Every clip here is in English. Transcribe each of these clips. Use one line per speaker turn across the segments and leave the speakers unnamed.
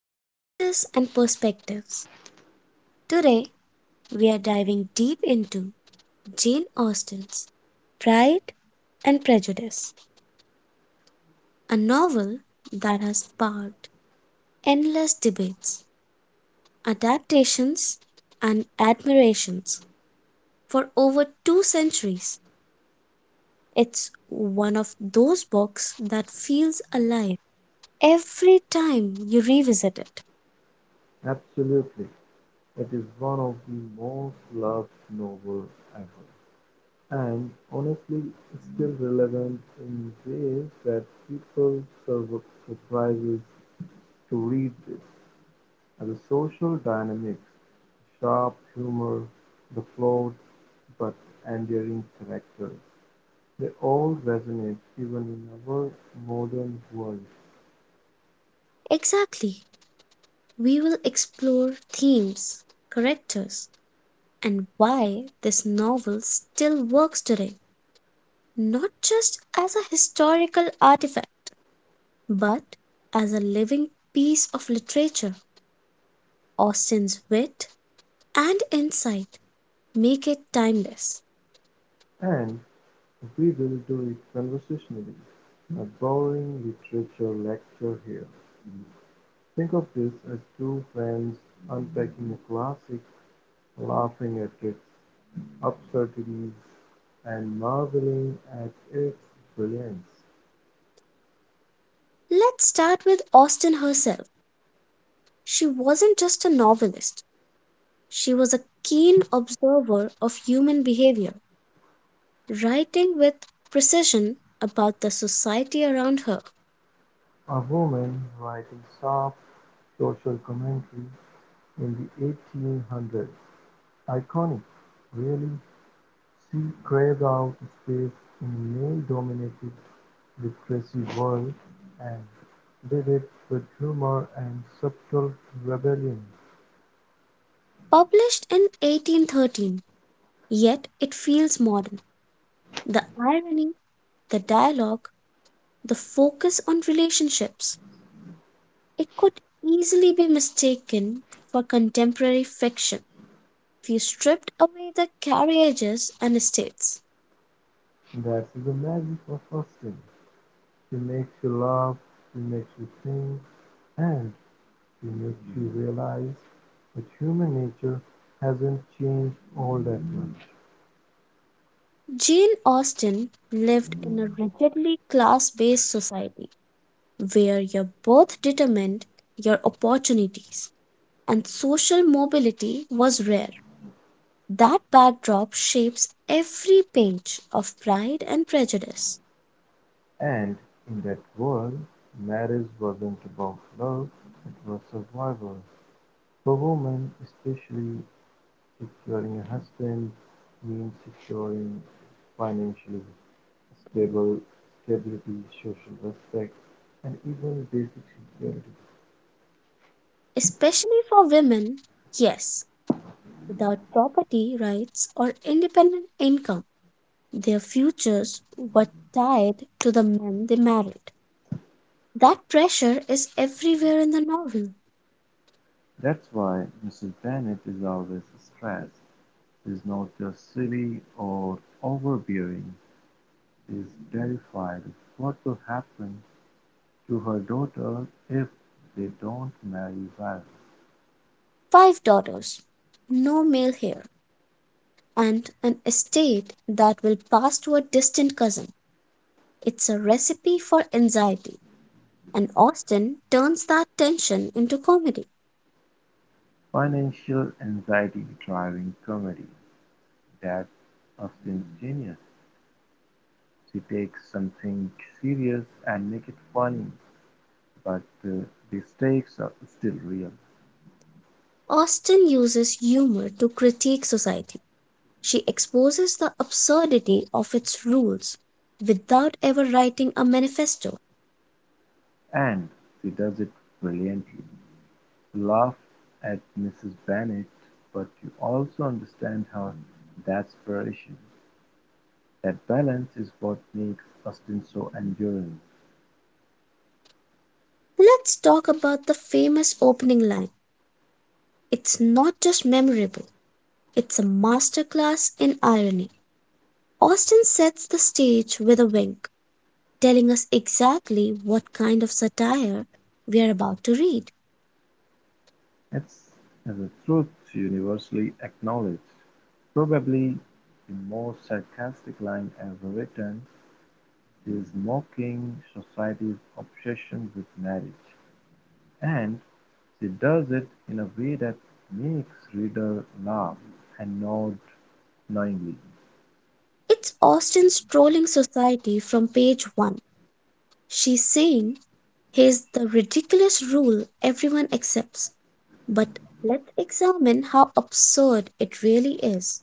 to Pages and Perspectives. Today we are diving deep into Jane Austen's Pride and Prejudice, a novel that has sparked endless debates, adaptations, and admirations for over two centuries. It's one of those books that feels alive every time you revisit it.
Absolutely, it is one of the most loved novels ever, and honestly it's still relevant in ways that people sur- surprises to read this. And the social dynamics, sharp humor, the flawed but endearing characters, they all resonate even in our modern world.
Exactly. We will explore themes, characters, and why this novel still works today, not just as a historical artifact, but as a living piece of literature. Austen's wit and insight make it timeless.
And we will do it conversationally, not boring literature lecture here. Think of this as two friends unpacking a classic, laughing at its absurdities and marveling at its brilliance.
Let's start with Austen herself. She wasn't just a novelist, she was a keen observer of human behavior, writing with precision about the society around her.
A woman writing sharp social commentary in the 1800s. Iconic, really. She carved out space in male-dominated literary world and did it with humor and subtle rebellion.
Published in 1813, yet it feels modern. The irony, the dialogue, the focus on relationships. It could easily be mistaken for contemporary fiction if you stripped away the carriages and estates.
That's the magic of Austen. She makes you laugh, she makes you think, and she makes you realize that human nature hasn't changed all that much.
Jane Austen lived in a rigidly class based society where your birth determined your opportunities and social mobility was rare. That backdrop shapes every page of Pride and Prejudice,
And in that world, marriage wasn't about love, it was survival. For women especially, securing a husband means securing financial stable stability, social respect, and even basic security.
especially for women. Yes, without property rights or independent income, their futures were tied to the men they married. That pressure is everywhere in the novel.
That's why Mrs. Bennett is always stressed. She's not just silly or overbearing. She's terrified of what will happen to her daughter if they don't marry well.
Five daughters, no male heir, and an estate that will pass to a distant cousin. It's a recipe for anxiety, and Austen turns that tension into comedy.
Financial anxiety driving comedy. That's abstemious. She takes something serious and makes it funny, but uh, the stakes are still real,
Austen uses humor to critique society. She exposes the absurdity of its rules without ever writing a manifesto.
and she does it brilliantly. You laugh at Mrs. Bennet, but you also understand her desperation. That balance is what makes Austen so enduring.
Let's talk about the famous opening line. It's not just memorable, it's a masterclass in irony. Austen sets the stage with a wink, telling us exactly what kind of satire we are about to read.
It's is a truth universally acknowledged, probably the most sarcastic line ever written. He was mocking society's obsession with marriage, and she does it in a way that makes readers laugh and nod knowingly.
It's Austen's trolling society from page one. She's saying, here's the ridiculous rule everyone accepts, but let's examine how absurd it really is.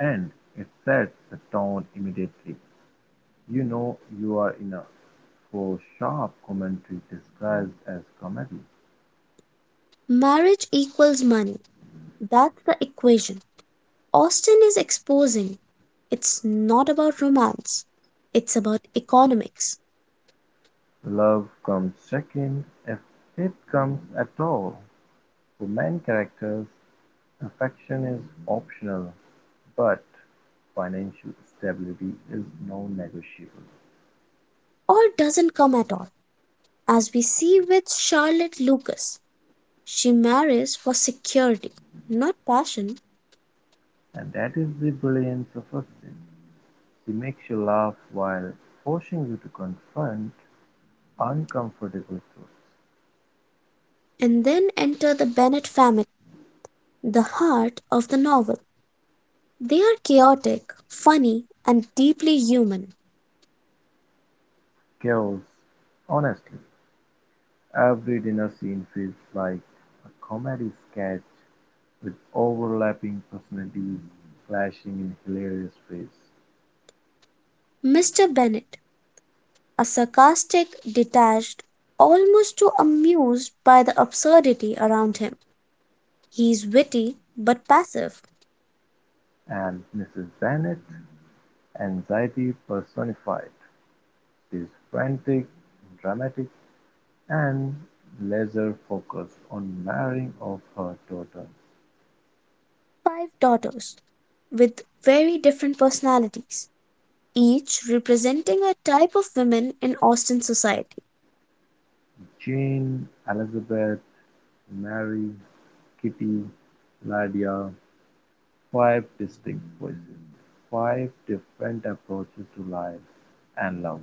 And it sets the tone immediately. You know you are in a for sharp commentary disguised as comedy.
Marriage equals money. That's the equation Austin is exposing. It's not about romance, it's about economics,
Love comes second, if it comes at all. For main characters, affection is optional, but financial stability is non-negotiable,
or doesn't come at all. As we see with Charlotte Lucas, she marries for security, not passion,
and that is the brilliance of Upton. She makes you laugh while forcing you to confront uncomfortable truths.
and then enter the Bennett family, the heart of the novel. They are chaotic, funny, and deeply human.
Girls, honestly, every dinner scene feels like a comedy sketch with overlapping personalities clashing in hilarious ways.
Mr. Bennett, a sarcastic, detached, almost too amused by the absurdity around him. He is witty but passive.
And Mrs. Bennet, anxiety personified. It is frantic, dramatic, and laser-focused on marrying of her daughter.
Five daughters with very different personalities, each representing a type of women in Austin society.
Jane, Elizabeth, Mary, Kitty, Lydia, five distinct voices, five different approaches to life and love.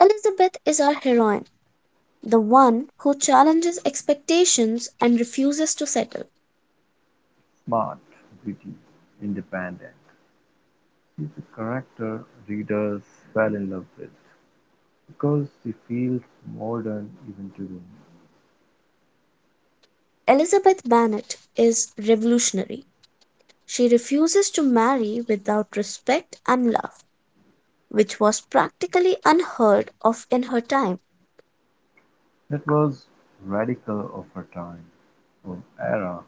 Elizabeth is our heroine, the one who challenges expectations and refuses to settle.
Smart, witty, independent. She's a character readers fell in love with because she feels modern even today.
Elizabeth Bennet is revolutionary. She refuses to marry without respect and love, which was practically unheard of in her time.
That was radical of her time, her era,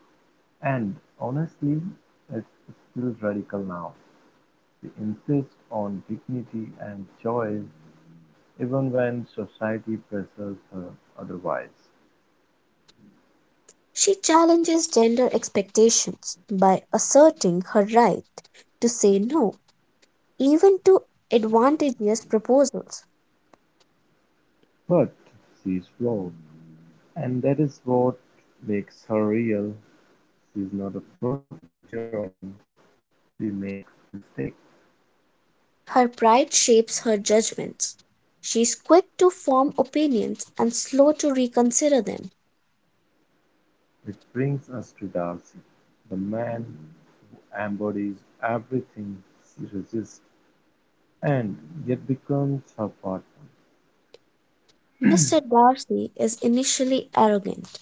and honestly it's still radical now. We insist on dignity and choice even when society pressures her otherwise.
She challenges gender expectations by asserting her right to say no, even to advantageous proposals.
But she's flawed, and that is what makes her real. She's not a perfect heroine, she makes mistakes.
Her pride shapes her judgments. She is quick to form opinions and slow to reconsider them.
Which brings us to Darcy, the man who embodies everything she resists and yet becomes her partner.
Mr. Darcy is initially arrogant,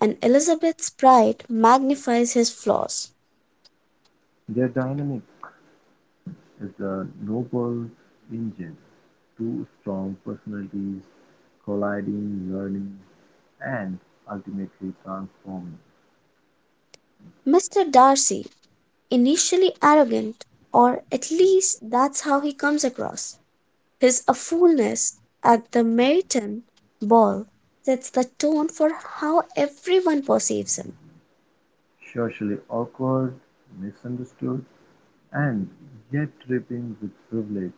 and Elizabeth's pride magnifies his flaws.
Their dynamic is the noble engine: two strong personalities colliding, learning, and ultimately transforming.
Mr. Darcy, initially arrogant, or at least that's how he comes across, his awfulness at the Meryton ball sets the tone for how everyone perceives him.
Socially awkward, misunderstood, and yet dripping with privilege.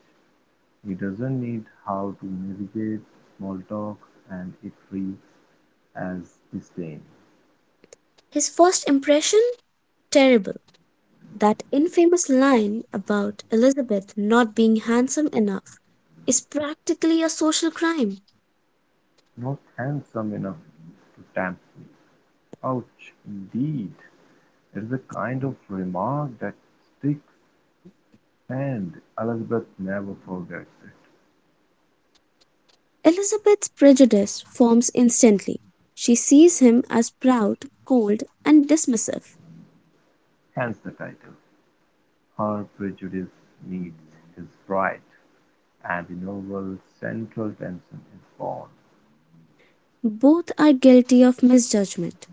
He doesn't need how to navigate small talk and it reads as disdain.
His first impression? Terrible. That infamous line about Elizabeth not being handsome enough is practically a social crime.
Not handsome enough to tempt me. Ouch, indeed. It is a kind of remark that sticks, and Elizabeth never forgets it,
Elizabeth's prejudice forms instantly. She sees him as proud, cold, and dismissive.
hence the title. Her prejudice meets his pride, and the novel's central tension is born.
Both are guilty of misjudgment.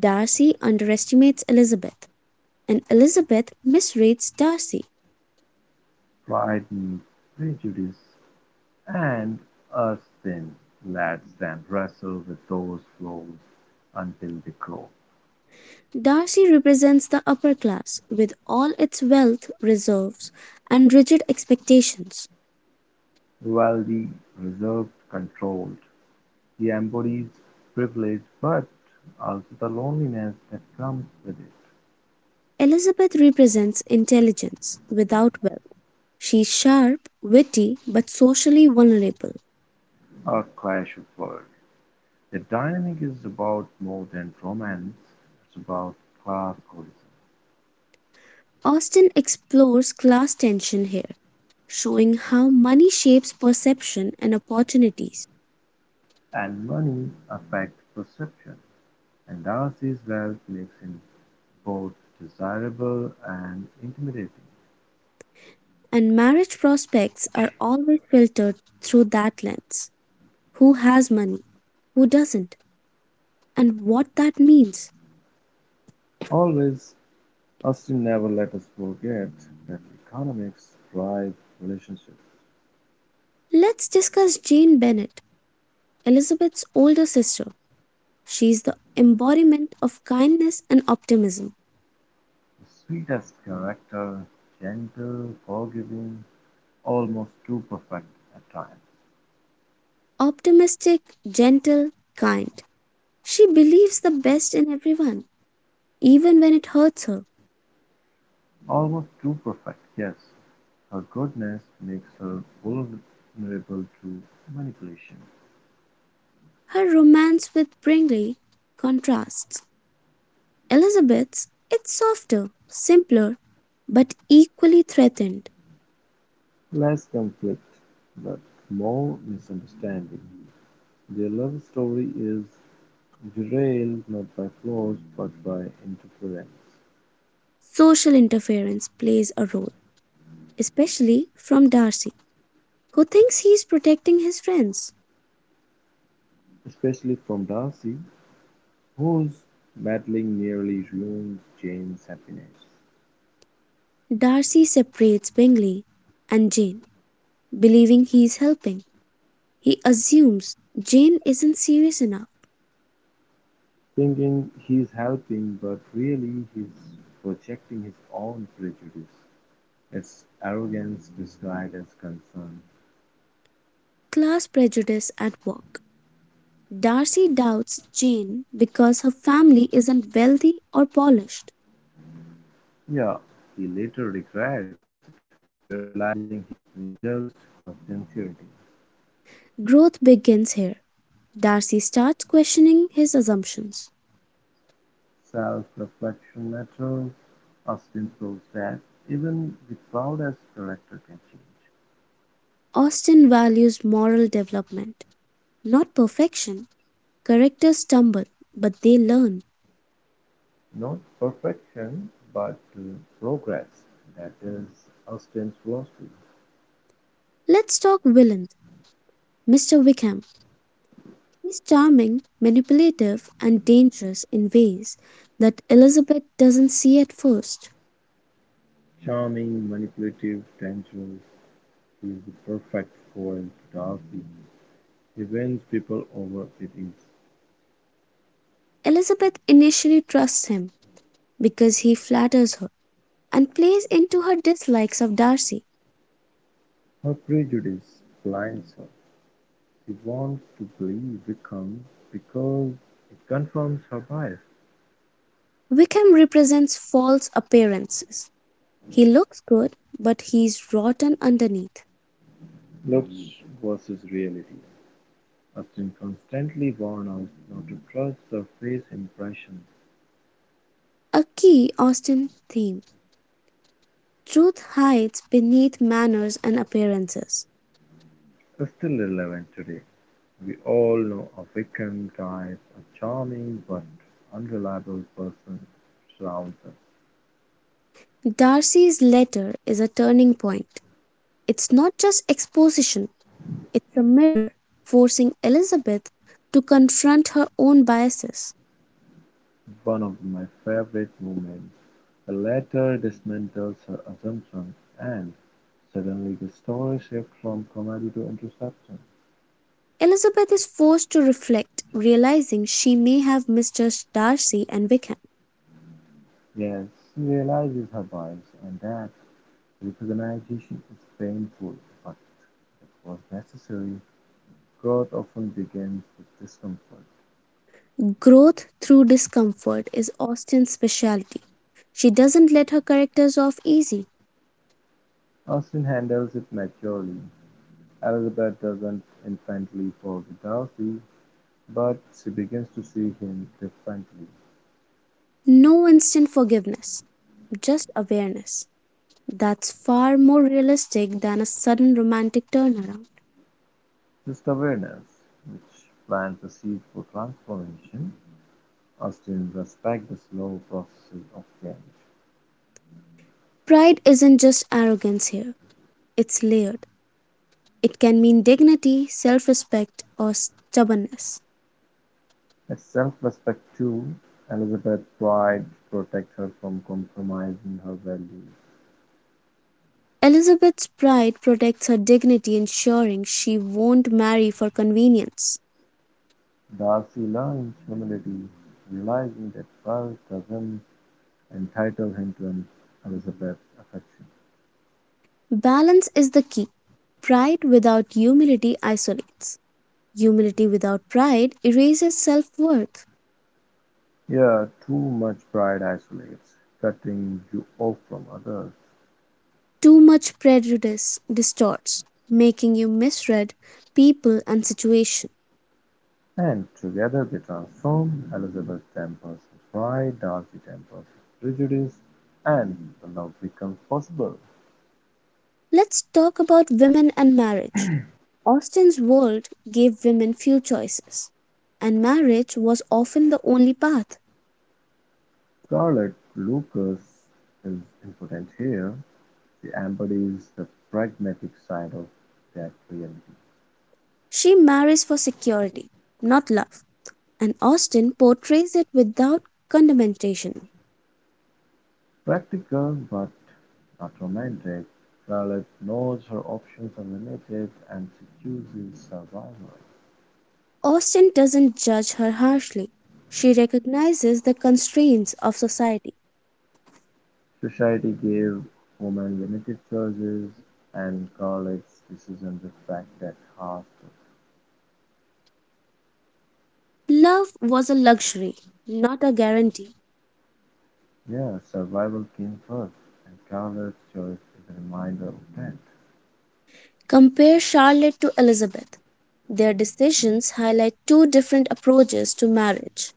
Darcy underestimates Elizabeth, and Elizabeth misrates Darcy.
Pride meets prejudice, and us then lets them wrestle with those flaws until they grow.
Darcy represents the upper class with all its wealth, reserves, and rigid expectations.
While the reserved, controlled, he embodies privilege but also the loneliness that comes with it.
Elizabeth represents intelligence without wealth. She's sharp, witty, but socially vulnerable.
A clash of worlds, the dynamic is about more than romance, it's about class collision,
Austen explores class tension here, showing how money shapes perception and opportunities.
and money affects perception, and Darcy's wealth makes him both desirable and intimidating.
And marriage prospects are always filtered through that lens who has money, who doesn't, and what that means.
Always, Austin never let us forget that economics drive relationships.
Let's discuss Jane Bennett, Elizabeth's older sister. She's the embodiment of kindness and optimism.
The sweetest character, gentle, forgiving, almost too perfect at times.
Optimistic, gentle, kind. She believes the best in everyone, even when it hurts her.
Almost too perfect, yes. Her goodness makes her vulnerable to manipulation.
Her romance with Bringley contrasts. Elizabeth's it's softer, simpler, but equally threatened.
Less conflict, but more misunderstanding. Their love story is derailed not by flaws but by interference,
Social interference plays a role, especially from Darcy, who thinks he is protecting his friends.
especially from Darcy, whose meddling nearly ruins Jane's happiness.
Darcy separates Bingley and Jane, believing he is helping. He assumes Jane isn't serious enough.
Thinking he's helping, but really he's projecting his own prejudice. It's arrogance disguised as concern.
Class prejudice at work. Darcy doubts Jane because her family isn't wealthy or polished.
Yeah, he later regrets it, realizing he misjudged her sincerity.
Growth begins here. Darcy starts questioning his assumptions.
Self-reflection matters. Austin proves that even the proudest character can change.
Austen values moral development, not perfection. Characters stumble, but they learn.
Not perfection, but progress. That is Austin's philosophy.
Let's talk villains. Mr. Wickham. He's charming, manipulative, and dangerous in ways that Elizabeth doesn't see at first.
Charming, manipulative, dangerous. He is the perfect foil to Darcy. He wins people over with his.
Elizabeth initially trusts him because he flatters her and plays into her dislikes of Darcy.
Her prejudice blinds her; she wants to believe Wickham because it confirms her bias.
Wickham represents false appearances. He looks good, but he's rotten underneath.
Looks versus reality, Austin constantly warns us not to trust surface impressions,
A key Austen theme. Truth hides beneath manners and appearances.
is still relevant today. We all know a Wickham type, a charming but unreliable person surrounds us.
Darcy's letter is a turning point. It's not just exposition, it's a mirror, forcing Elizabeth to confront her own biases.
One of my favorite moments, the latter dismantles her assumptions and suddenly the story shifts from comedy to introspection.
Elizabeth is forced to reflect, realizing she may have misjudged Darcy and Wickham.
Yes, she realizes her bias and that recognition is painful, but it was necessary. Growth often begins with discomfort.
Growth through discomfort is Austen's specialty. She doesn't let her characters off easy.
Austin handles it maturely. Elizabeth doesn't instantly forgive Darcy, but she begins to see him differently.
No instant forgiveness, just awareness. That's far more realistic than a sudden romantic turnaround.
This awareness, which plants the seed for transformation, must in respect the slow processes of change.
Pride isn't just arrogance here, it's layered. It can mean dignity, self respect, or stubbornness.
At self-respect too, Elizabeth tried to protect her from compromising her values.
Elizabeth's pride protects her dignity, ensuring she won't marry for convenience.
Thus he learned humility, realizing that wealth doesn't entitle him to Elizabeth's affection.
Balance is the key. Pride without humility isolates. Humility without pride erases self worth.
Here, too much pride isolates, cutting you off from others.
Too much prejudice distorts, making you misread people and situation.
And together they transform Elizabeth's tempers of pride, Darcy's tempers of prejudice, and the love becomes possible.
Let's talk about women and marriage. Austen's world gave women few choices, and marriage was often the only path.
Scarlett Lucas is important here. She embodies the pragmatic side of that reality.
She marries for security, not love, and Austen portrays it without condemnation.
Practical but not romantic, Scarlett knows her options are limited and she chooses survival.
Austin doesn't judge her harshly. She recognizes the constraints of society.
Society gave women limited choices and Carlett's decision reflects that half.
Love was a luxury, not a guarantee.
Yeah, survival came first, and Carlett's choice is a reminder of that.
Compare Charlotte to Elizabeth. Their decisions highlight two different approaches to marriage.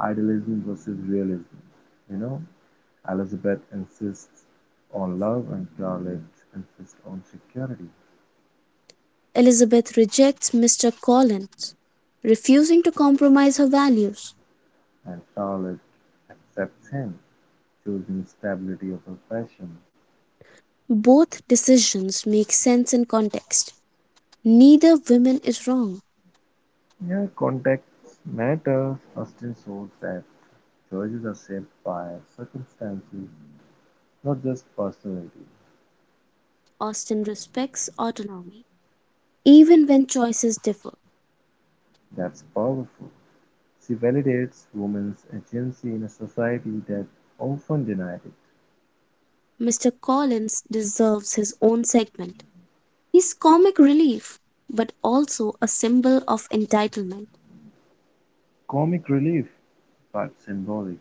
Idealism versus realism. You know, Elizabeth insists on love and Charlotte insists on security,
Elizabeth rejects Mr. Collins, refusing to compromise her values.
and Charlotte accepts him, choosing stability over passion.
Both decisions make sense in context. Neither woman is wrong.
Yeah, context matters. Austen shows that choices are shaped by circumstances, not just personality.
Austen respects autonomy, even when choices differ.
That's powerful. She validates women's agency in a society that often denies it.
Mr. Collins deserves his own segment. He's comic relief, but also a symbol of entitlement.
Comic relief, but symbolic.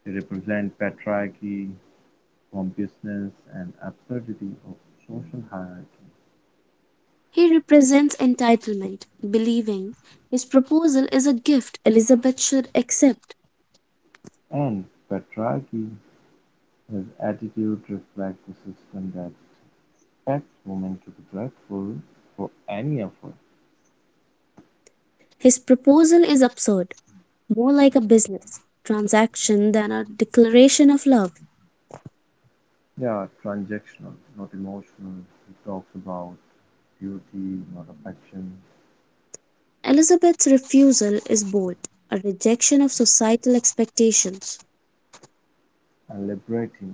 They represent patriarchy, pompousness, and absurdity of social hierarchy.
He represents entitlement, believing his proposal is a gift Elizabeth should accept.
And patriarchy, his attitude reflects the system that expects women to be grateful for any effort.
His proposal is absurd, more like a business transaction than a declaration of love.
Yeah, transactional, not emotional. He talks about duty, not affection,
Elizabeth's refusal is bold, a rejection of societal expectations.
and liberating.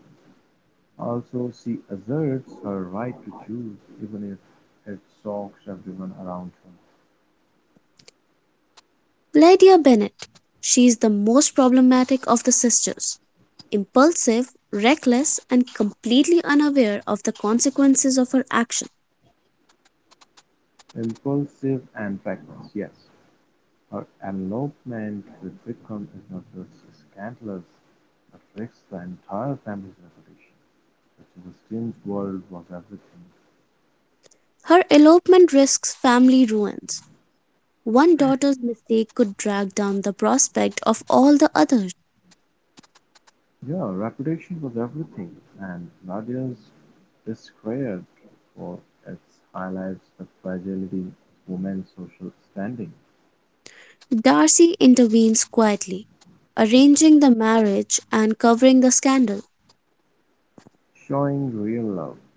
Also, she asserts her right to choose, even if it shocks everyone around her.
Lydia Bennet. She is the most problematic of the sisters, impulsive, reckless, and completely unaware of the consequences of her action.
Impulsive and reckless, yes. Her elopement with Vikram is not just scandalous, it risks the entire family's reputation, which in the strange world was everything.
Her elopement risks family ruins. One daughter's mistake could drag down the prospect of all the others.
Yeah, reputation was everything, and Nadia's discredit for its highlights the fragility of women's social standing,
Darcy intervenes quietly, arranging the marriage and covering the scandal.
showing real love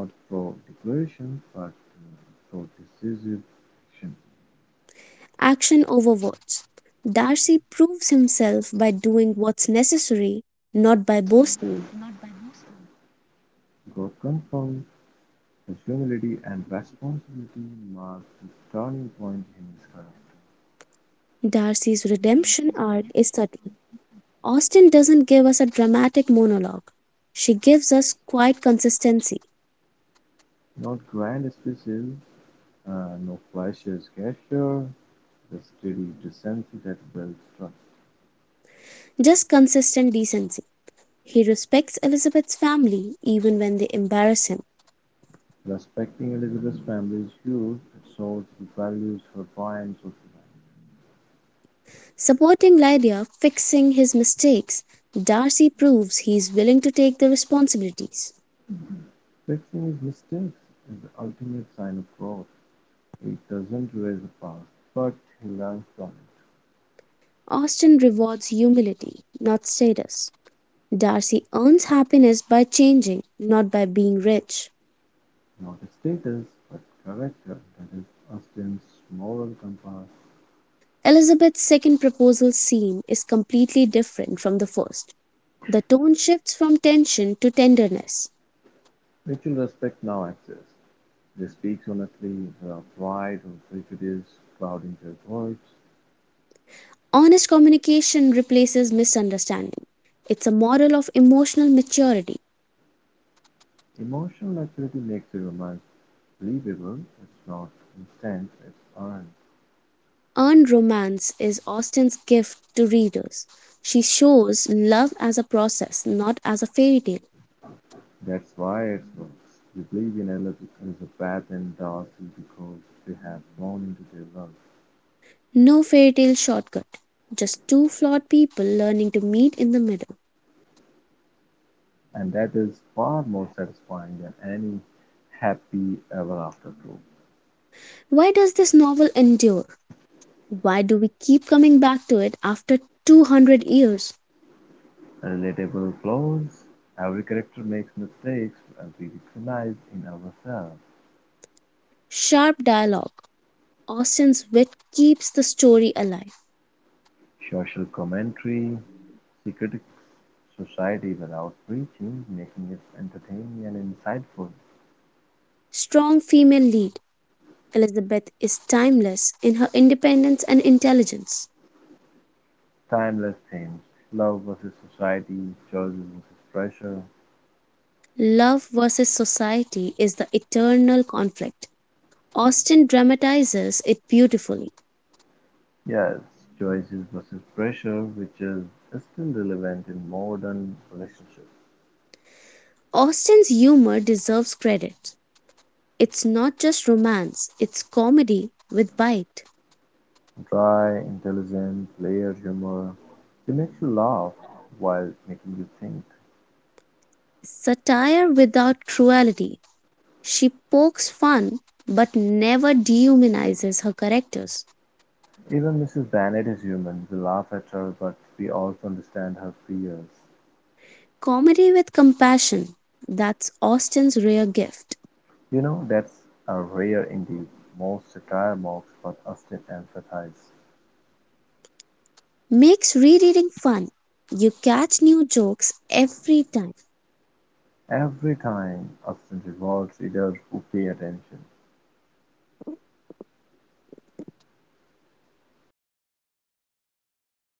not through declaration but through decisive action.
Action over words. Darcy proves himself by doing what's necessary, not by boasting.
God confirmed the humility and responsibility marked the turning point in his character.
Darcy's redemption arc is subtle. Austen doesn't give us a dramatic monologue. She gives us quiet consistency,
Not grand speeches, no flashes gesture, the steady decency that builds trust.
just consistent decency. He respects Elizabeth's family even when they embarrass him.
Respecting Elizabeth's family's youth it shows he values her try and social life.
Supporting Lydia, fixing his mistakes, Darcy proves he is willing to take the responsibilities.
Fixing his mistakes is the ultimate sign of growth. He doesn't erase the past, but he learns from it.
Austen rewards humility, not status. Darcy earns happiness by changing, not by being rich.
Not a status, but character that is Austin's moral compass.
Elizabeth's second proposal scene is completely different from the first. The tone shifts from tension to tenderness.
Mutual respect now exists. They speak honestly without pride or prejudice clouding their words.
Honest communication replaces misunderstanding. It's a model of emotional maturity.
Emotional maturity makes the romance believable. It's not instant, it's earned.
Earned romance is Austen's gift to readers. She shows love as a process, not as a fairy tale.
That's why it works. We believe in Elizabeth and Darcy because they have gone into their work,
No fairy tale shortcut, just two flawed people learning to meet in the middle.
and that is far more satisfying than any happy ever after trope.
Why does this novel endure? Why do we keep coming back to it after 200 years?
Relatable flaws. Every character makes mistakes we recognize in ourselves.
Sharp dialogue. Austen's wit keeps the story alive.
Social commentary. She critiques society without preaching, making it entertaining and insightful.
Strong female lead. Elizabeth is timeless in her independence and intelligence.
Timeless themes. Love versus society, choices versus pressure.
Love versus society is the eternal conflict. Austen dramatizes it beautifully.
Yes, choices versus pressure, which is still relevant in modern relationships.
Austen's humor deserves credit. It's not just romance, it's comedy with bite,
Dry, intelligent, layered humor. She makes you laugh while making you think.
satire without cruelty, She pokes fun but never dehumanizes her characters.
Even Mrs. Bennet is human. We laugh at her, but we also understand her fears.
Comedy with compassion, that's Austen's rare gift,
You know, that's a rare indeed. Most satire mocks, but Austen empathizes.
makes rereading fun. You catch new jokes every time.
Every time, Austen rewards readers who pay attention.
मैंने end कर दी 26.